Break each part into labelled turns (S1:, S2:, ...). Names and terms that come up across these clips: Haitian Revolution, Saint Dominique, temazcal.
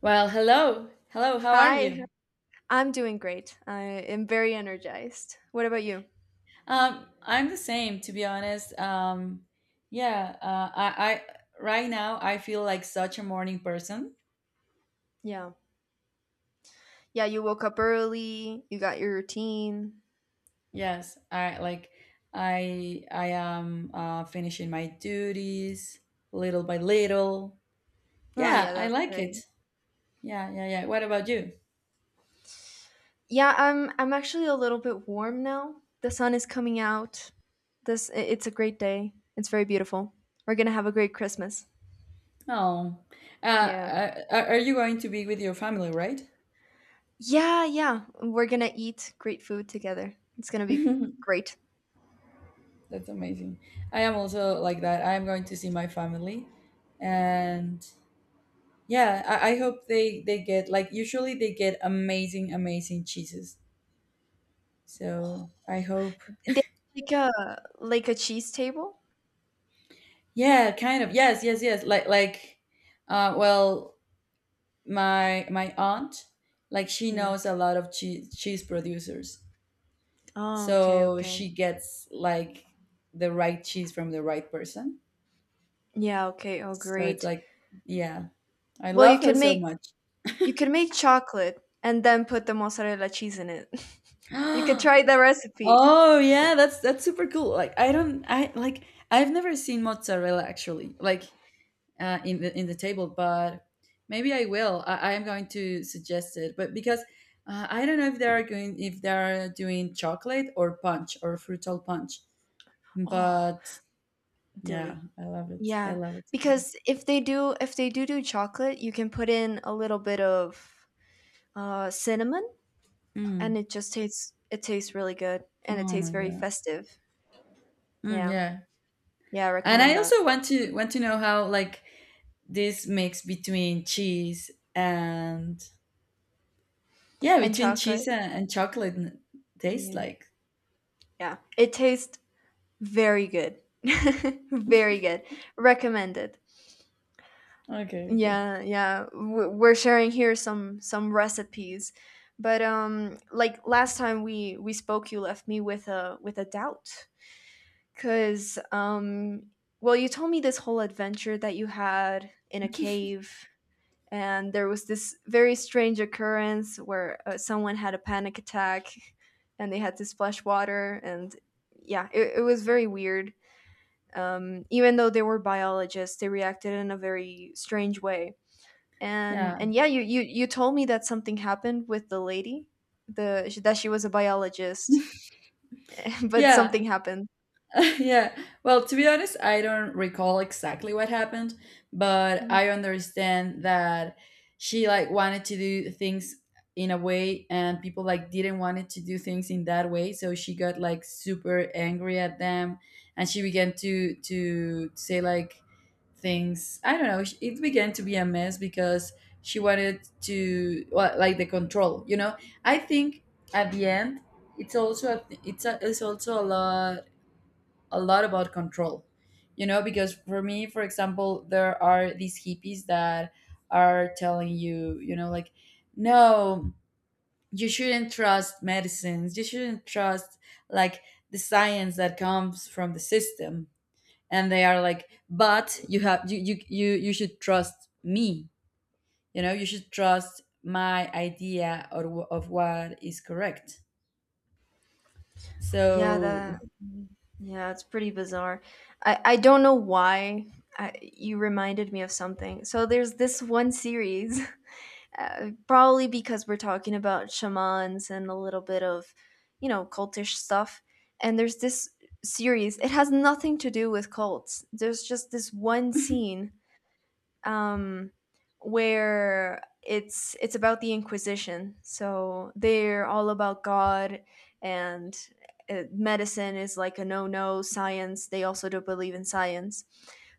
S1: Well, hello. Hello, how are
S2: Hi,
S1: you?
S2: I'm doing great. I am very energized. What about you?
S1: I'm the same, to be honest. Yeah, I Right now I feel like such a morning person.
S2: Yeah. Yeah, you woke up early, you got your routine.
S1: Yes, I like I am finishing my duties little by little.
S2: Oh,
S1: Yeah,
S2: yeah,
S1: I
S2: that's
S1: like it.
S2: great.
S1: Yeah, yeah, yeah. What about you?
S2: Yeah, I'm actually a little bit warm now. The sun is coming out. It's a great day. It's very beautiful. We're going to have a great Christmas.
S1: Oh, uh,
S2: Yeah.
S1: uh, are are you going to be with your family, right?
S2: Yeah, yeah. We're going to eat great food together. It's going to be great.
S1: That's amazing. I am also like that. I am going to see my family, and yeah, I hope they get like usually they get amazing amazing cheeses. So I hope.
S2: They like a like a cheese table?
S1: Yeah, kind of. Yes, yes, yes. Like uh, well, my aunt, like she
S2: Hmm.
S1: knows a lot of cheese producers,
S2: Oh, okay,
S1: so she
S2: okay.
S1: gets like the right cheese from the right person.
S2: Yeah, okay. Oh,
S1: So it's
S2: great.
S1: like, yeah, I
S2: Well, you
S1: love her
S2: could
S1: so
S2: make
S1: much.
S2: you could make chocolate and then put the mozzarella cheese in it. You could try the recipe.
S1: Oh yeah, that's super cool. Like I don't I like I've never seen mozzarella actually. Like in the table, but maybe I will. I'm going to suggest it, but because I don't know if they are going if they are doing chocolate or punch or fruital punch,
S2: Oh,
S1: but yeah,
S2: dilly.
S1: I love it. I
S2: Yeah,
S1: love it a lot.
S2: because if they do do chocolate, you can put in a little bit of cinnamon,
S1: Mm.
S2: and it tastes really good, and it
S1: Oh
S2: tastes
S1: my
S2: very
S1: god.
S2: festive.
S1: Mm,
S2: Yeah,
S1: yeah,
S2: yeah, I
S1: and
S2: recommend
S1: I
S2: that.
S1: also want to know how like this mix between cheese and yeah,
S2: And
S1: between cheese
S2: chocolate.
S1: and tastes
S2: Yeah,
S1: like.
S2: yeah, it tastes very good, very good. Recommended.
S1: Okay. Okay.
S2: Yeah, yeah. We're sharing here some recipes. But like last time we spoke, you left me with a doubt, cuz well, you told me this whole adventure that you had in a cave, and there was this very strange occurrence where someone had a panic attack and they had to splash water, and yeah, it was very weird. Even though they were biologists, they reacted in a very strange way, and
S1: Yeah.
S2: yeah, you told me that something happened with the lady, the that she was a biologist, but
S1: Yeah.
S2: something happened.
S1: yeah. Well, to be honest, I don't recall exactly what happened, but I
S2: Mhm.
S1: understand that she like wanted to do things in a way and people like didn't want it to do things in that way, so she got like super angry at them and she began to say like things. I don't know. It began to be a mess because she wanted to well, like the control, you know. I think at the end it's it's also a lot about control, you know, because for me, for example, there are these hippies that are telling you, you know, like no, you shouldn't trust medicines, you shouldn't trust like the science that comes from the system, and they are like, but you have you should trust me, you know, you should trust my idea of what is correct,
S2: Yeah,
S1: so
S2: that. Mhm. Yeah, it's pretty bizarre. I don't know why. You reminded me of something. So there's this one series, probably because we're talking about shamans and a little bit of cultish stuff. And there's this series. It has nothing to do with cults, there's just this one scene, um, where it's about the Inquisition. So they're all about God, and medicine is like a no no science. They also don't believe in science.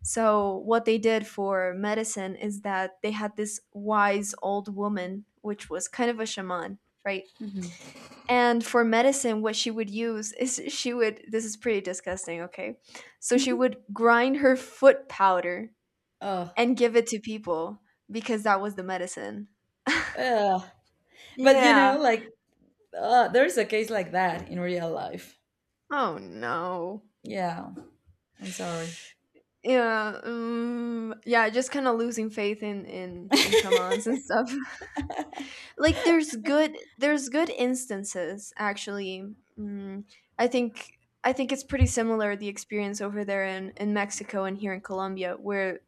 S2: So what they did for medicine is that they had this wise old woman, which was kind of a shaman, right?
S1: mhm.
S2: And for medicine, what she would use is, she would, this is pretty disgusting, okay? So she would grind her foot powder
S1: Oh,
S2: and give it to people, because that was the medicine.
S1: ugh. But you know
S2: Yeah.
S1: like there's a case like that in real life.
S2: Oh no.
S1: Yeah, I'm sorry.
S2: Yeah. Yeah. Just kind of losing faith in in shamans and stuff. Like there's good instances actually. Mm, I think. I think it's pretty similar, the experience over there in Mexico and here in Colombia, where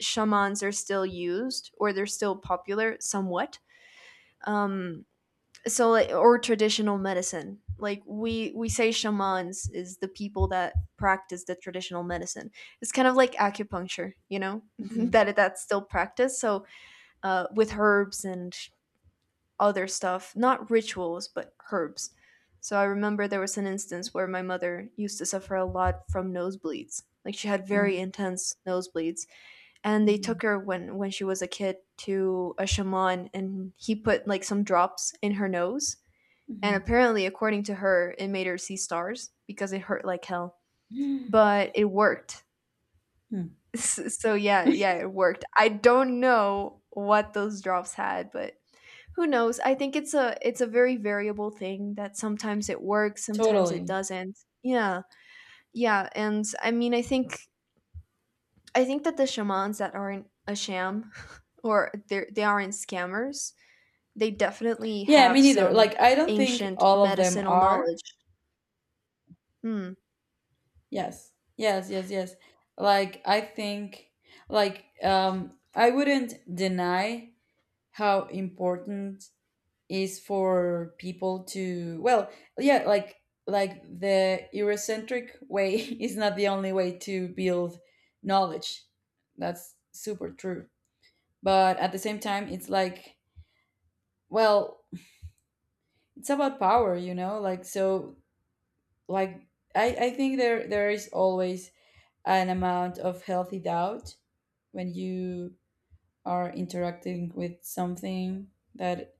S2: shamans are still used or they're still popular somewhat. Um, so like, or traditional medicine, like we say shamans is the people that practice the traditional medicine. It's kind of like acupuncture, you know,
S1: Mhm,
S2: that's still practiced. So with herbs and other stuff, not rituals but herbs. So I remember there was an instance where my mother used to suffer a lot from nosebleeds, like she had
S1: mm,
S2: very intense nosebleeds, and they
S1: mhm,
S2: took her when she was a kid to a shaman, and he put like some drops in her nose, and
S1: mhm,
S2: apparently, according to her, it made her see stars because it hurt like hell. But it worked.
S1: mm.
S2: So yeah, yeah, it worked. I don't know what those drops had, but who knows? I think it's a very variable thing that sometimes it works, sometimes it
S1: Totally.
S2: doesn't. Yeah. Yeah, and I mean, I think that the shamans that aren't a sham or they aren't scammers, they definitely
S1: Yeah, me
S2: have
S1: neither. Like,
S2: some
S1: I don't think
S2: ancient
S1: all of them
S2: medicinal
S1: are.
S2: knowledge. Hmm.
S1: Yes, yes, yes, yes. Like, I think, like, I wouldn't deny how important is for people to well, yeah, like the eurocentric way is not the only way to build knowledge. That's super true, but at the same time it's like well, it's about power, you know, like so like I think there is always an amount of healthy doubt when you are interacting with something that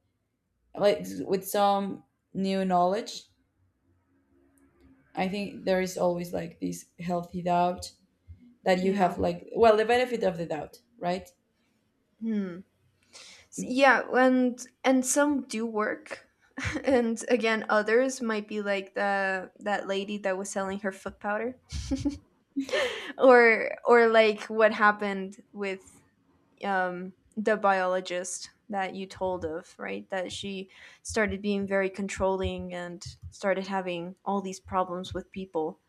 S1: like with some new knowledge. I think there is always like this healthy doubt that you
S2: Yeah.
S1: have like well, the benefit of the doubt, right?
S2: Hmm. Yeah, and some do work. And again, others might be like the that lady that was selling her foot powder, or like what happened with the biologist that you told of, right? That she started being very controlling and started having all these problems with people.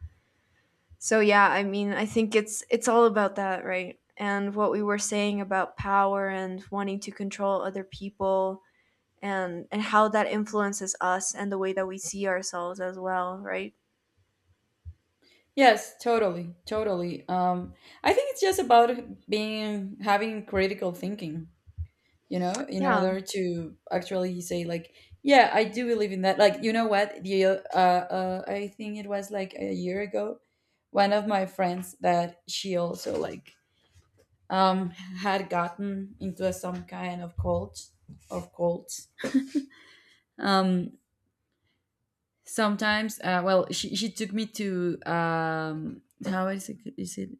S2: So yeah, I mean, I think it's all about that, right? And what we were saying about power and wanting to control other people, and how that influences us and the way that we see ourselves as well, right?
S1: Yes, totally, totally. I think it's just about being having critical thinking, you know, in
S2: Yeah,
S1: order to actually say like, yeah, I do believe in that. Like, you know what? The I think it was like a year ago, one of my friends that she also like had gotten into some kind of cult of cults. Um, she took me to how is it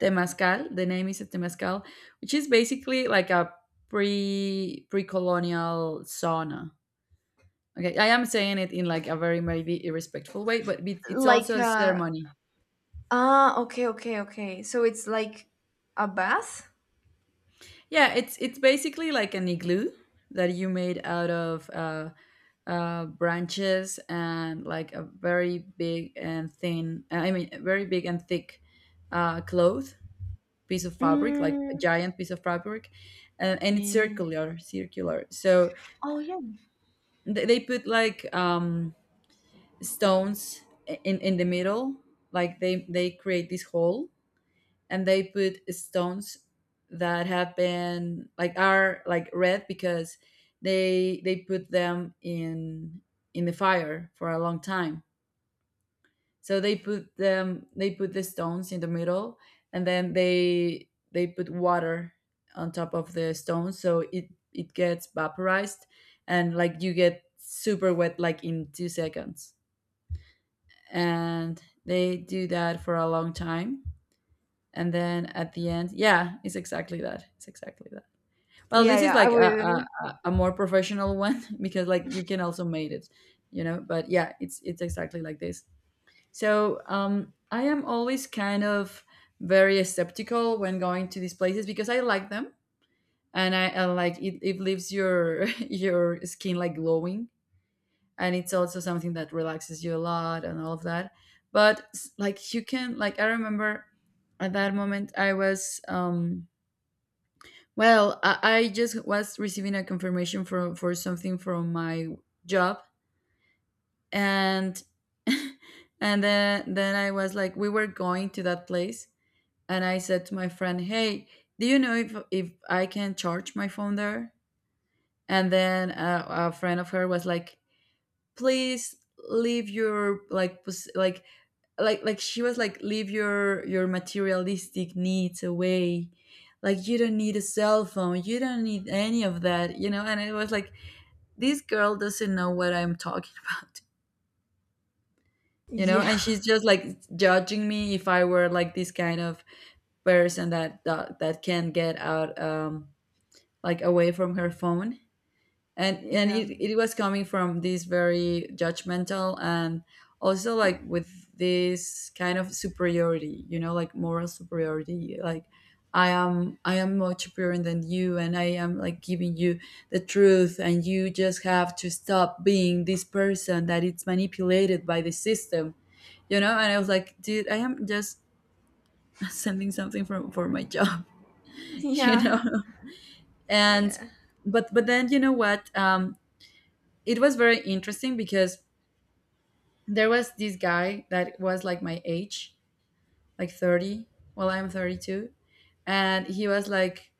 S1: temazcal the name is a temazcal, which is basically like a pre-colonial sauna. Okay, I am saying it in like a very maybe irrespectful way, but it- it's
S2: like,
S1: also a ceremony.
S2: ah, okay, okay, okay. So it's like a bath.
S1: Yeah, it's basically like an igloo that you made out of branches and like a very big and thin I mean very big and thick cloth piece of fabric, like a
S2: Mm.
S1: giant piece of fabric, and it's
S2: Yeah.
S1: circular, circular. So
S2: Oh yeah.
S1: they put like stones in the middle, like they create this hole, and they put stones that have been like are like red because they put them in the fire for a long time. So they put them they put the stones in the middle, and then they put water on top of the stones so it gets vaporized, and like you get super wet like in 2 seconds. And they do that for a long time, and then at the end, yeah, it's exactly that. It's exactly that. Well,
S2: Yeah,
S1: this is
S2: yeah, I
S1: like
S2: will.
S1: a more professional one because like you can also made it, you know, but yeah, it's exactly like this. So I am always kind of very skeptical when going to these places because I like them, and I like it leaves your your skin like glowing, and it's also something that relaxes you a lot and all of that. But like you can like I remember at that moment I was well, I just was receiving a confirmation for something from my job, and and then I was like we were going to that place, and I said to my friend, "Hey, do you know if I can charge my phone there?" And then a friend of her was like, "Please leave your like like she was like leave your materialistic needs away." Like you don't need a cell phone, you don't need any of that, you know. And it was like this girl doesn't know what I'm talking about, you know. And
S2: Yeah.
S1: she's just like judging me if I were like this kind of person that that can get out like away from her phone, and
S2: Yeah.
S1: it was coming from this very judgmental and also like with this kind of superiority, you know, like moral superiority like I am more superior than you, and I am like giving you the truth, and you just have to stop being this person that it's manipulated by the system, you know. And I was like, dude, I am just sending something for my job you know,
S2: Yeah,
S1: and
S2: yeah,
S1: but then you know what, it was very interesting because there was this guy that was like my age, like 30. Well, I'm 32. And he was like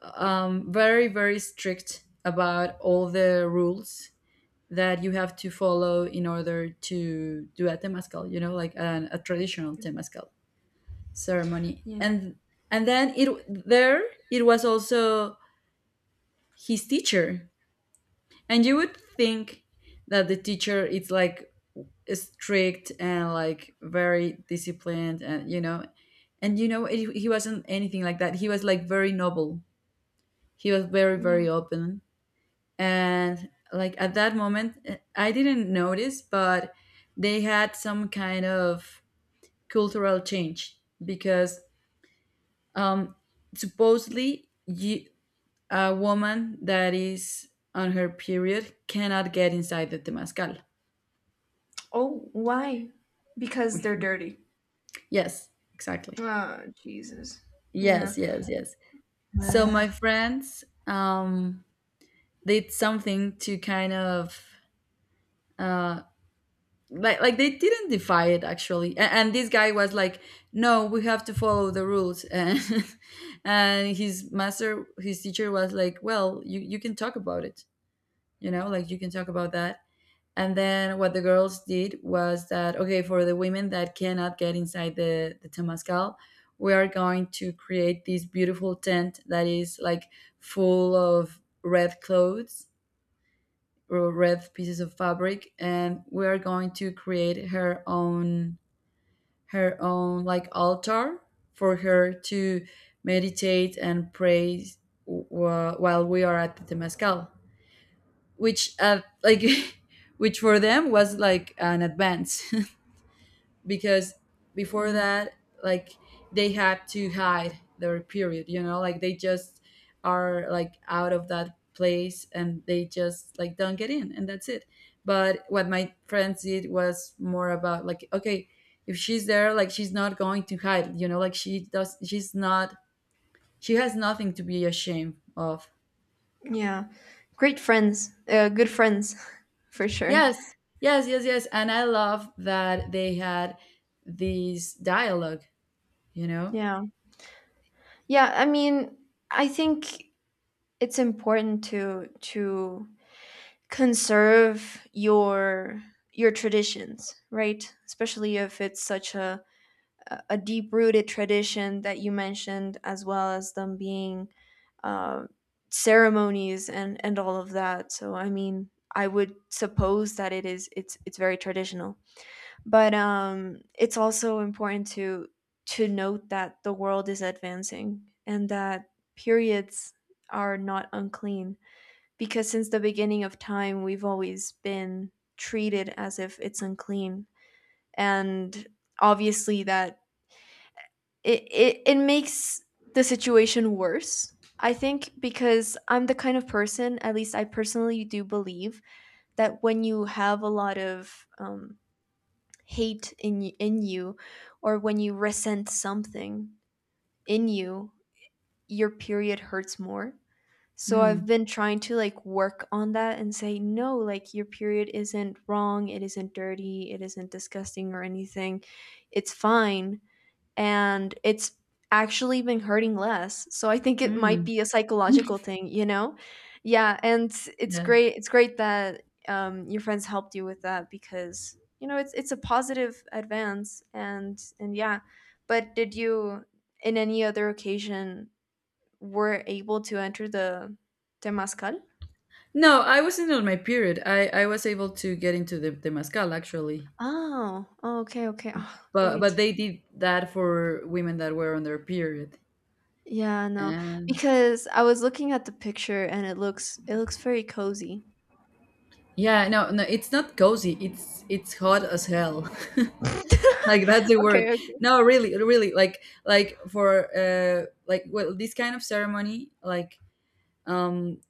S1: very, very strict about all the rules that you have to follow in order to do a temazcal, you know, like a traditional temazcal ceremony.
S2: yeah.
S1: And then it there it was also his teacher. And you would think that the teacher is like strict and like very disciplined and you know, and you know it, he wasn't anything like that. He was like very noble. He was very,
S2: Yeah.
S1: very open, and like at that moment I didn't notice, but they had some kind of cultural change because um supposedly you, a woman that is on her period, cannot get inside the temazcal.
S2: Oh, why? Because they're dirty?
S1: Yes, exactly.
S2: Oh Jesus. Yeah.
S1: Yes, yes, yes. So
S2: Ugh.
S1: my friends did something to kind of uh, like they didn't defy it actually, and this guy was like, "No, we have to follow the rules," and and his master, his teacher was like, "Well, you can talk about it, you know, like you can talk about that." And then what the girls did was that okay, for the women that cannot get inside the temazcal, we are going to create this beautiful tent that is like full of red clothes or red pieces of fabric, and we are going to create her own like altar for her to meditate and pray while we are at the temazcal, which like which for them was like an advance because before
S2: Yeah.
S1: that like they had to hide their period, you know, like they just are like out of that place and they just like don't get in and that's it. But what my friends did was more about like okay, if she's there like she's not going to hide, you know, like she does she's not, she has nothing to be ashamed of.
S2: Yeah, great friends, good friends for sure.
S1: Yes, yes, yes, yes. And I love that they had these dialogue, you know?
S2: Yeah. Yeah, I mean, I think it's important to conserve your traditions, right? Especially if it's such a deep rooted tradition that you mentioned, as well as them being uh, ceremonies and all of that. So, I mean, I would suppose that it's very traditional, but it's also important to note that the world is advancing and that periods are not unclean, because since the beginning of time we've always been treated as if it's unclean, and obviously that it makes the situation worse. I think, because I'm the kind of person, at least I personally do believe, that when you have a lot of hate in you, or when you resent something in you, your period hurts more. So
S1: Mm.
S2: I've been trying to, like, work on that and say no, like, your period isn't wrong, it isn't dirty, it isn't disgusting or anything. It's fine. And it's actually been hurting less. So I think it might
S1: Mm.
S2: be a psychological thing, you know? Yeah, and it's
S1: Yeah.
S2: great it's great that your friends helped you with that, because it's a positive advance, and yeah. But did you, in any other occasion, were able to enter the Temazcal?
S1: No, I wasn't on my period. I was able to get into the mascal actually.
S2: Oh, oh, okay, okay. Oh,
S1: But
S2: great.
S1: they did that for women that were on their period.
S2: Yeah, no.
S1: And
S2: Because I was looking at the picture, and it looks very cozy.
S1: yeah, no, no, it's not cozy. It's hot as hell. like that's the
S2: Okay,
S1: word.
S2: okay.
S1: No, really, really, like for like well this kind of ceremony, like um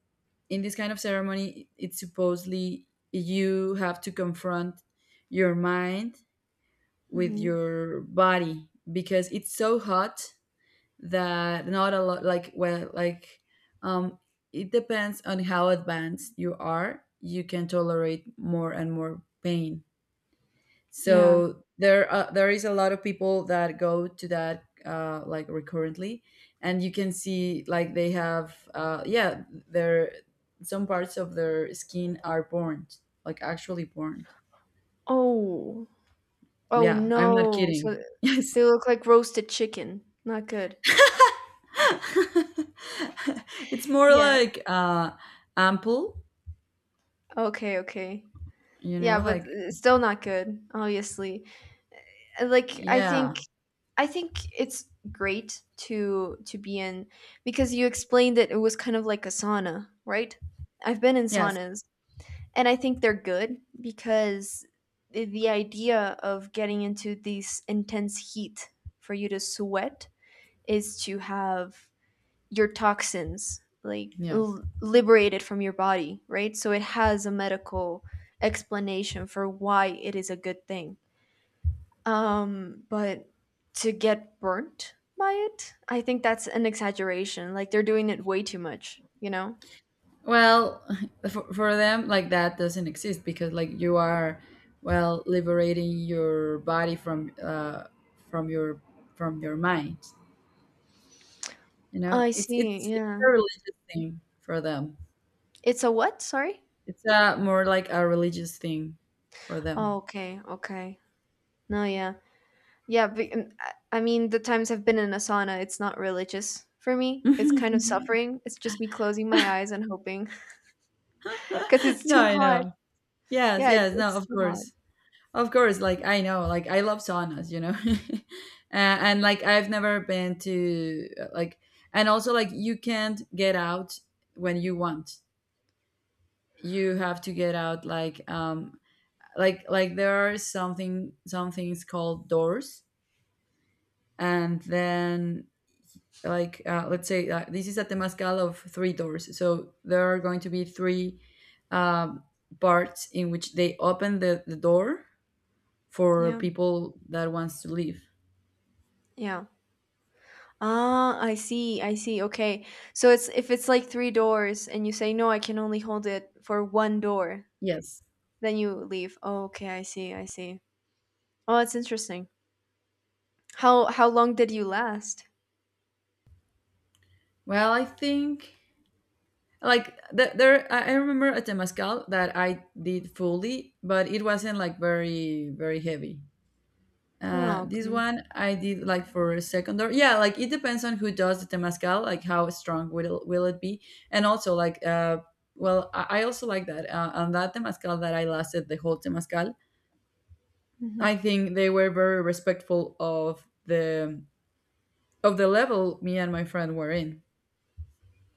S1: in this kind of ceremony, it's supposedly you have to confront your mind with
S2: Hmm.
S1: your body because it's so hot that not a lot like well like um it depends on how advanced you are. You can tolerate more and more pain.
S2: Yeah.
S1: So there is a lot of people that go to that like recurrently, and you can see like they have yeah, their some parts of their skin are burnt, like actually burnt.
S2: Oh. Oh
S1: Yeah, I'm not
S2: no.
S1: kidding.
S2: So
S1: Yes.
S2: they look like roasted chicken. Not good.
S1: It's more
S2: Yeah.
S1: like ample,
S2: Okay, okay.
S1: you
S2: Yeah,
S1: know,
S2: but
S1: like
S2: still not good, obviously. Like I think
S1: yeah.
S2: I think it's great to be in, because you explained that it was kind of like a sauna, right? I've been in
S1: Yes,
S2: saunas. And I think they're good because the idea of getting into these intense heat for you to sweat is to have your toxins, like,
S1: yeah.
S2: liberated from your body, right? So it has a medical explanation for why it is a good thing. But to get burnt by it, I think that's an exaggeration. Like they're doing it way too much, you know?
S1: Well, for them, like that doesn't exist because like you are, well, liberating your body from your from your mind. You know,
S2: I see.
S1: it's
S2: Yeah.
S1: a religious thing for them.
S2: It's a what? Sorry.
S1: It's a more like a religious thing for
S2: Oh,
S1: them.
S2: okay. Okay. No, yeah. Yeah, but I mean, the times I've been in a sauna, it's not religious for me.
S1: No,
S2: It's kind of suffering. It's just me closing my eyes and hoping, cause it's too
S1: I
S2: hot.
S1: know. Yes,
S2: Yeah, it's
S1: yes, no,
S2: it's
S1: of
S2: too hot.
S1: course. Of course, like I know, like I love saunas, you know, and like I've never been to like, and also like you can't get out when you want. You have to get out like like there are something some things called doors, and then like let's say this is a temazcal of three doors, so there are going to be three um, parts in which they open the door for
S2: Yeah.
S1: people that wants to leave.
S2: Yeah. Ah, I see. I see. Okay. So it's, if it's like three doors and you say, "No, I can only hold it for one door,"
S1: Yes.
S2: then you leave. Oh, okay, I see. I see. Oh, that's interesting. How long did you last?
S1: Well, I think like there. I remember a temazcal that I did fully, but it wasn't like very very heavy.
S2: Oh,
S1: This
S2: okay.
S1: one I did like for a second. Or yeah, like it depends on who does the temazcal, like how strong will it be, and also like well, I also like that on that temazcal that I lasted the whole temazcal. I
S2: Hmm.
S1: think they were very respectful of the level me and my friend were in.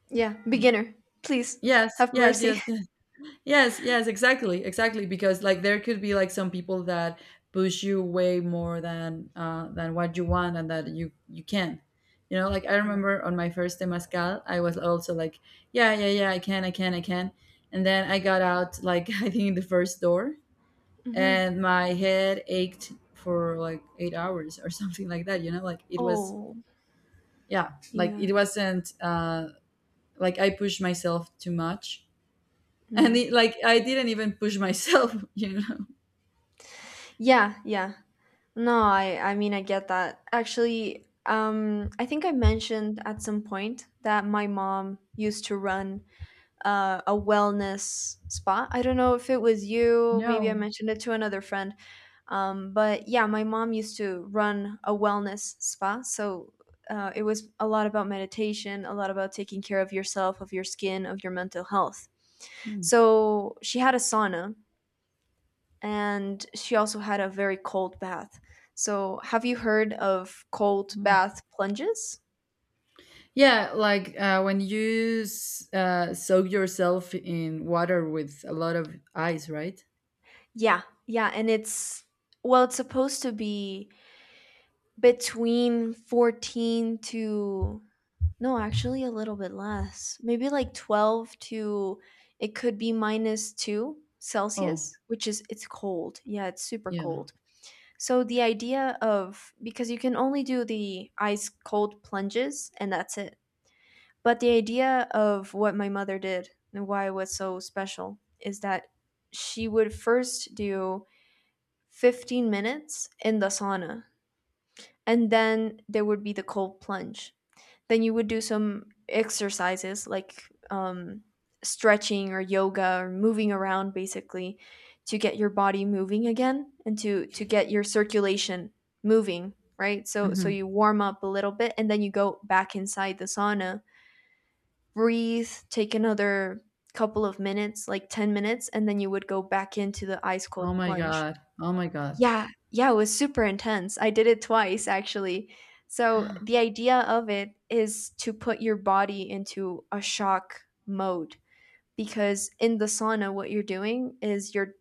S2: Yeah, beginner. Please
S1: Yes,
S2: have
S1: yes,
S2: mercy.
S1: yes. Yes, yes, exactly, exactly. Because like there could be like some people that push you way more than what you want and that you can. You know, like I
S2: Yeah.
S1: remember on my first temazcal, I was also like yeah, yeah, yeah, I can, I can, I can. And then I got out like I think in the first door,
S2: Hmm.
S1: and my head ached for like 8 hours or something like that. You know, like it was
S2: Oh,
S1: yeah, like
S2: yeah.
S1: it wasn't like I pushed myself too much, and
S2: Mm.
S1: it, like I didn't even push myself. You know.
S2: Yeah, yeah. No, I mean, I get that. Actually, I think I mentioned at some point that my mom used to run a wellness spa. I don't know if it was you, maybe I
S1: No.
S2: mentioned it to another friend. But yeah, my mom used to run a wellness spa. So it was a lot about meditation, a lot about taking care of yourself, of your skin, of your mental health.
S1: Mm,
S2: So she had a sauna, and she also had a very cold bath. So, have you heard of cold
S1: mm.
S2: bath plunges?
S1: Yeah, like when you soak yourself in water with a lot of ice, right?
S2: Yeah, yeah, and it's, well, it's supposed to be between 14 to, no, actually a little bit less. Maybe like 12 to, it could be minus 2
S1: Oh,
S2: Celsius, which is, it's cold. Yeah, it's super
S1: yeah.
S2: cold. So the idea of, because you can only do the ice cold plunges and that's it. But the idea of what my mother did and why it was so special is that she would first do 15 minutes in the sauna, and then there would be the cold plunge. Then you would do some exercises like um, stretching or yoga or moving around, basically to get your body moving again and to get your circulation moving, right? So
S1: Hmm.
S2: you warm up a little bit and then you go back inside the sauna, breathe, take another couple of minutes, like 10 minutes, and then you would go back into the ice cold
S1: Oh my
S2: plunge.
S1: god. Oh my god.
S2: Yeah, yeah, it was super intense. I did it twice actually. So the idea of it is to put your body into a shock mode because in the sauna what you're doing is you're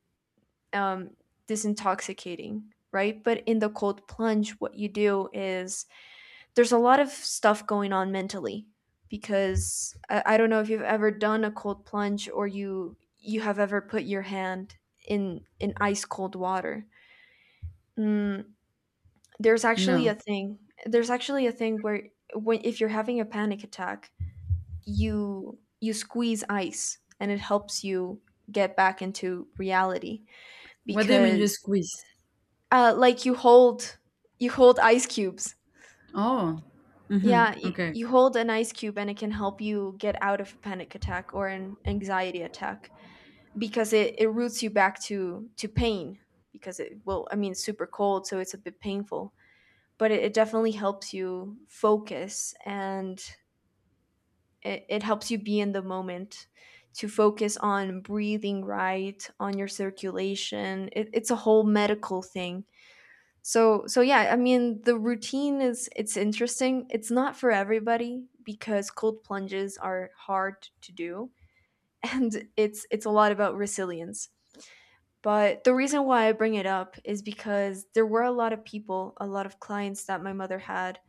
S2: um disintoxicating, right? But in the cold plunge what you do is there's a lot of stuff going on mentally because I don't know if you've ever done a cold plunge or you have ever put your hand in ice cold water. Mm, there's actually
S1: No.
S2: a thing. There's actually a thing where when if you're having a panic attack, you squeeze ice and it helps you get back into reality
S1: What do you mean you
S2: because
S1: squeeze?
S2: like you hold ice cubes.
S1: Oh. Hmm,
S2: Yeah, you,
S1: okay.
S2: you hold an ice cube and it can help you get out of a panic attack or an anxiety attack because it roots you back to pain because it, well, I mean, it's super cold so it's a bit painful, but it definitely helps you focus, and it helps you be in the moment, to focus on breathing, right, on your circulation. It's a whole medical thing. So yeah, I mean, the routine is it's interesting. It's not for everybody because cold plunges are hard to do. And it's a lot about resilience. But the reason why I bring it up is because there were a lot of people, a lot of clients that my mother had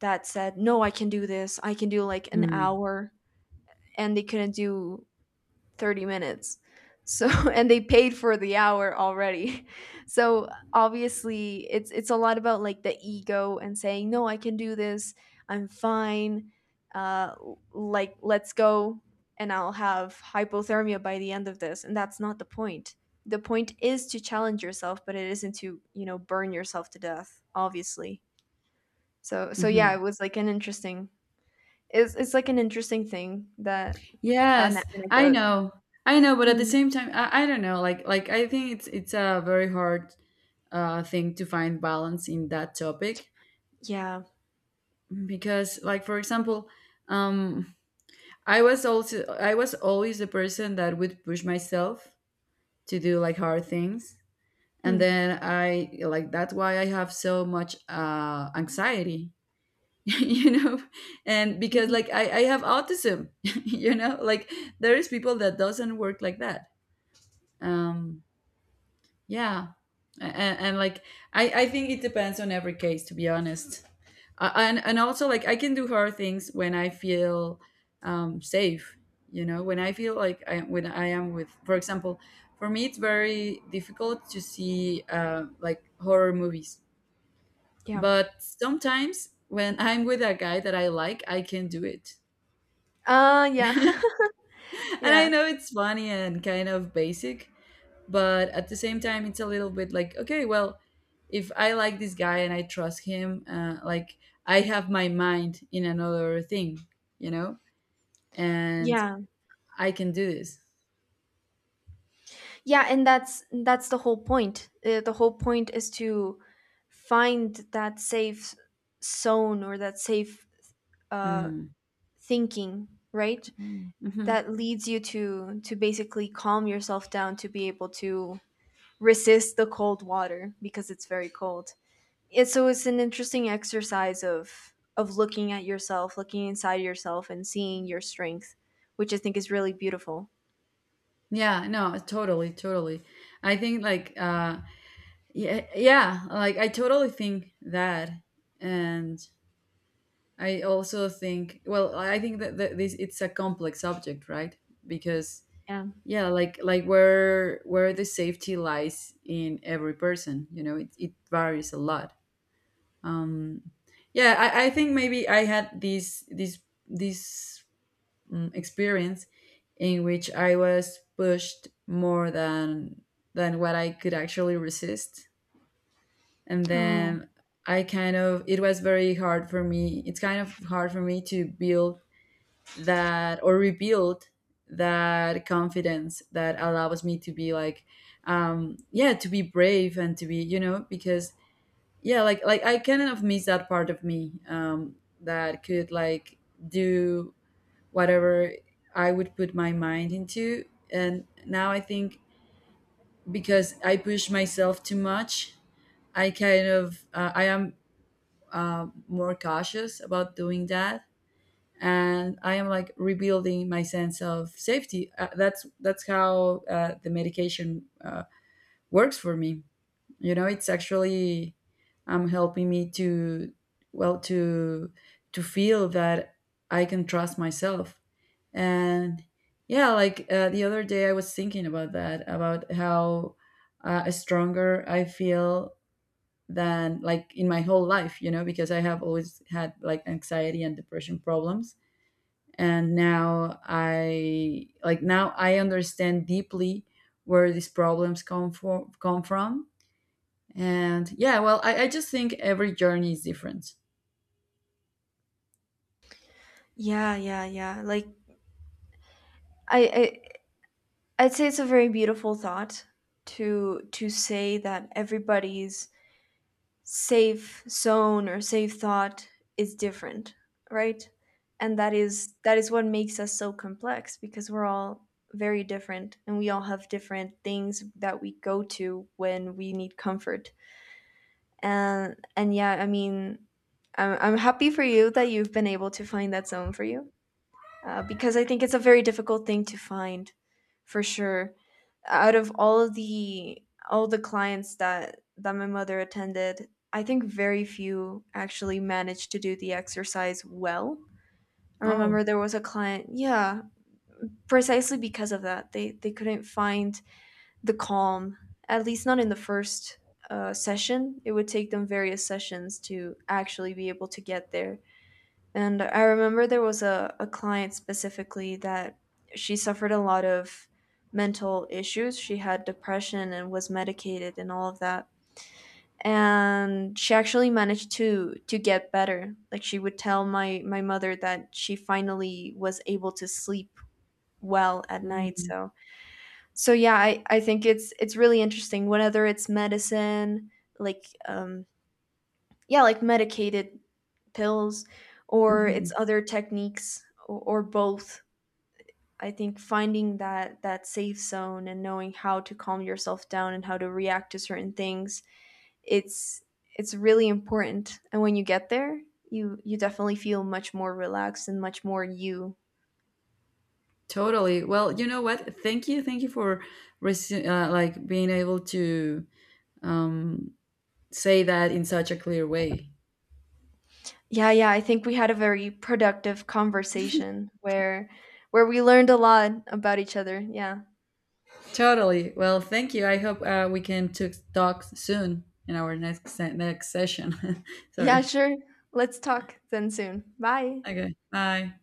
S2: that said, "No, I can do this. I can do like an hour." And they couldn't do 30 minutes. So and they paid for the hour already. So obviously it's a lot about like the ego and saying, "No, I can do this. I'm fine. Like let's go and I'll have hypothermia by the end of this." And that's not the point. The point is to challenge yourself, but it isn't to, you know, burn yourself to death, obviously. So yeah,
S1: Mm-hmm.
S2: it was like an interesting it's like an interesting thing, that an
S1: Yes, I
S2: anecdote.
S1: know. I know, but at the
S2: Mm.
S1: same time, I don't know like I think it's a very hard thing to find balance in that topic.
S2: Yeah.
S1: Because like for example, um I was also I was always the person that would push myself to do like hard things, and
S2: Hmm.
S1: then I like that's why I have so much anxiety. You know, and because
S2: Mhm.
S1: like I have autism. You know, like there is people that doesn't work like that. um yeah. And like I think it depends on every case, to be honest. And also like I can do hard things when I feel safe. You know, when I feel like I when I am with, for example, for me it's very difficult to see like horror movies.
S2: Yeah.
S1: But sometimes when I'm with a guy that I like, I can do it.
S2: Yeah.
S1: And
S2: Yeah.
S1: I know it's funny and kind of basic, but at the same time, it's a little bit like okay, well, if I like this guy and I trust him, like I have my mind in another thing, you know, and
S2: Yeah.
S1: I can do this.
S2: Yeah, and that's the whole point. The whole point is to find that safe zone, or that safe uh
S1: Mm.
S2: thinking, right?
S1: Mm-hmm.
S2: That leads you to basically calm yourself down, to be able to resist the cold water because it's very cold. It, so it's an interesting exercise of looking at yourself, looking inside yourself and seeing your strength, which I think is really beautiful.
S1: Yeah, no, totally, totally. I think like yeah, yeah, like I totally think that. And I also think well, I think that, that this it's a complex subject, right? Because
S2: Yeah.
S1: yeah, like where the safety lies in every person, you know, it varies a lot. Um yeah, I think maybe I had this this this mm, experience in which I was pushed more than what I could actually resist. And
S2: Oh,
S1: then I kind of it was very hard for me. It's kind of hard for me to build that or rebuild that confidence that allows me to be like yeah, to be brave and to be, you know, because yeah, like I kind of miss that part of me that could like do whatever I would put my mind into. And now I think because I push myself too much, I kind of I am more cautious about doing that, and I am like rebuilding my sense of safety. That's how the medication works for me. You know, it's actually helping me to well to feel that I can trust myself. And yeah, like the other day, I was thinking about that, about how stronger I feel than like in my whole life, you know, because I have always had like anxiety and depression problems. And now I like now I understand deeply where these problems come from. And yeah, well, I just think every journey is different.
S2: yeah, yeah, yeah. Like I, I'd say it's a very beautiful thought to say that everybody's safe zone or safe thought is different, right? And that is what makes us so complex, because we're all very different and we all have different things that we go to when we need comfort. And yeah, I mean, I'm happy for you that you've been able to find that zone for you. Because I think it's a very difficult thing to find, for sure. Out of all of the all the clients that that my mother attended, I think very few actually managed to do the exercise well. I
S1: Oh.
S2: remember there was a client, yeah, precisely because of that. They couldn't find the calm, at least not in the first session. It would take them various sessions to actually be able to get there. And I remember there was a client specifically that she suffered a lot of mental issues. She had depression and was medicated and all of that. And she actually managed to get better. Like she would tell my mother that she finally was able to sleep well at night.
S1: Hmm.
S2: So yeah, I think it's really interesting. Whether it's medicine, like yeah like medicated pills, or it's other techniques, or both, I think finding that safe zone and knowing how to calm yourself down and how to react to certain things, it's it's really important. And when you get there, you definitely feel much more relaxed and much more you.
S1: Totally. Well, you know what? Thank you. Thank you for like being able to um, say that in such a clear way.
S2: Yeah, yeah, I think we had a very productive conversation where we learned a lot about each other. Yeah.
S1: Totally. Well, thank you. I hope we can talk soon in our next next session.
S2: Yeah,
S1: Sorry.
S2: sure. Let's talk then soon. Bye.
S1: Okay. Bye.